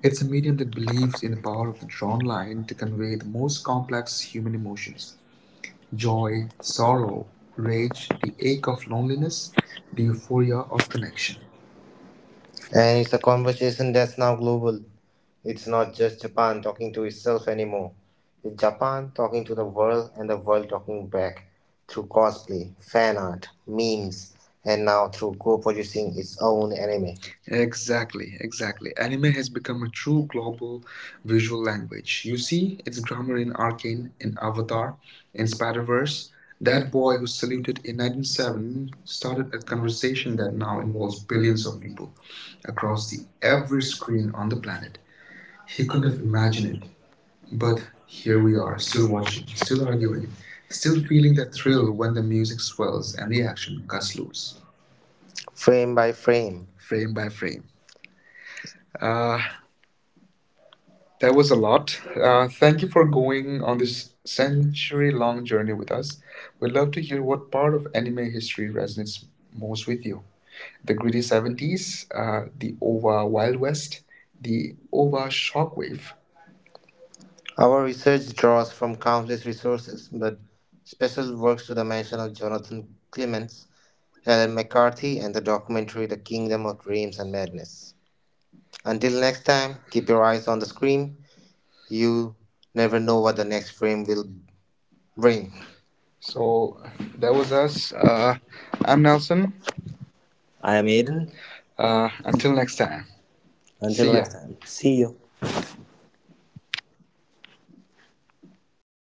A: It's
B: It's
A: a
B: a
A: medium
B: medium that
A: that
B: believes
A: believes in
B: in
A: the
B: the
A: power
B: power
A: of
B: of
A: the
B: a
A: drawn
B: drawn
A: line
B: line
A: to
B: to
A: convey
B: convey
A: the
B: the
A: most
B: most
A: complex
B: complex
A: human emotions:
B: emotions. Joy,
A: joy, sorrow,
B: sorrow, love,
A: rage, the ache of loneliness,
B: loneliness,
A: the euphoria
B: euphoria,
A: of connection.
B: connection. And it's a conversation that's now global. It's not just Japan talking to itself anymore. It's Japan talking to the world and the world talking back through cosplay, fan art, memes, and now through co producing its own anime.
A: Exactly, exactly. Anime has become a true global visual language. You see its grammar in Arcane, in
B: In
A: Avatar,
B: Avatar,
A: in
B: in
A: Spider Verse.
B: Spider-Verse,
A: That
B: that
A: boy
B: boy
A: who
B: who
A: saluted
B: saluted
A: in
B: in 1970
A: 1907 started
B: started
A: a
B: a
A: conversation
B: conversation
A: that
B: that
A: now
B: now
A: involves
B: involves
A: billions
B: billions
A: of
B: of people
A: people across
B: across
A: the
B: the
A: every
B: every
A: screen
B: screen
A: on
B: on
A: the
B: the planet.
A: planet. He
B: He could
A: couldn't have
B: have
A: imagined it,
B: imagined it,
A: but
B: but
A: here
B: here
A: we
B: we
A: are,
B: are,
A: still
B: still
A: watching,
B: watching,
A: still
B: still arguing,
A: arguing, still
B: still
A: feeling
B: feeling the
A: that
B: thrill
A: thrill when
B: when
A: the
B: the
A: music
B: music
A: swells
B: swells
A: and
B: and
A: the
B: the
A: action
B: action
A: cuts
B: cuts
A: loose,
B: loose. Frame by frame.
A: frame by frame. Uh, That was a lot. Uh,
B: Uh,
A: thank you for
B: people
A: going
B: going
A: on
B: on
A: this
B: this
A: century long
B: century-long
A: journey
B: journey
A: with us. We'd love to
B: to
A: hear
B: year with
A: what part of anime
B: anime history,
A: history resonates most with you. The
B: the
A: gritty
B: goodies
A: 70s, the OVA Wild West,
B: the
A: the OVA Shockwave.
B: our research draws from countless resources, but special works to the mention of Jonathan Clements, Helen McCarthy, and the documentary The Kingdom of Dreams and Madness. Until next time, keep your eyes on the screen. You never know what the next frame will bring.
A: So that was us. I'm Nelson.
B: I am Aiden.
A: Until next time.
B: Until
A: See ya.
B: next time, see you.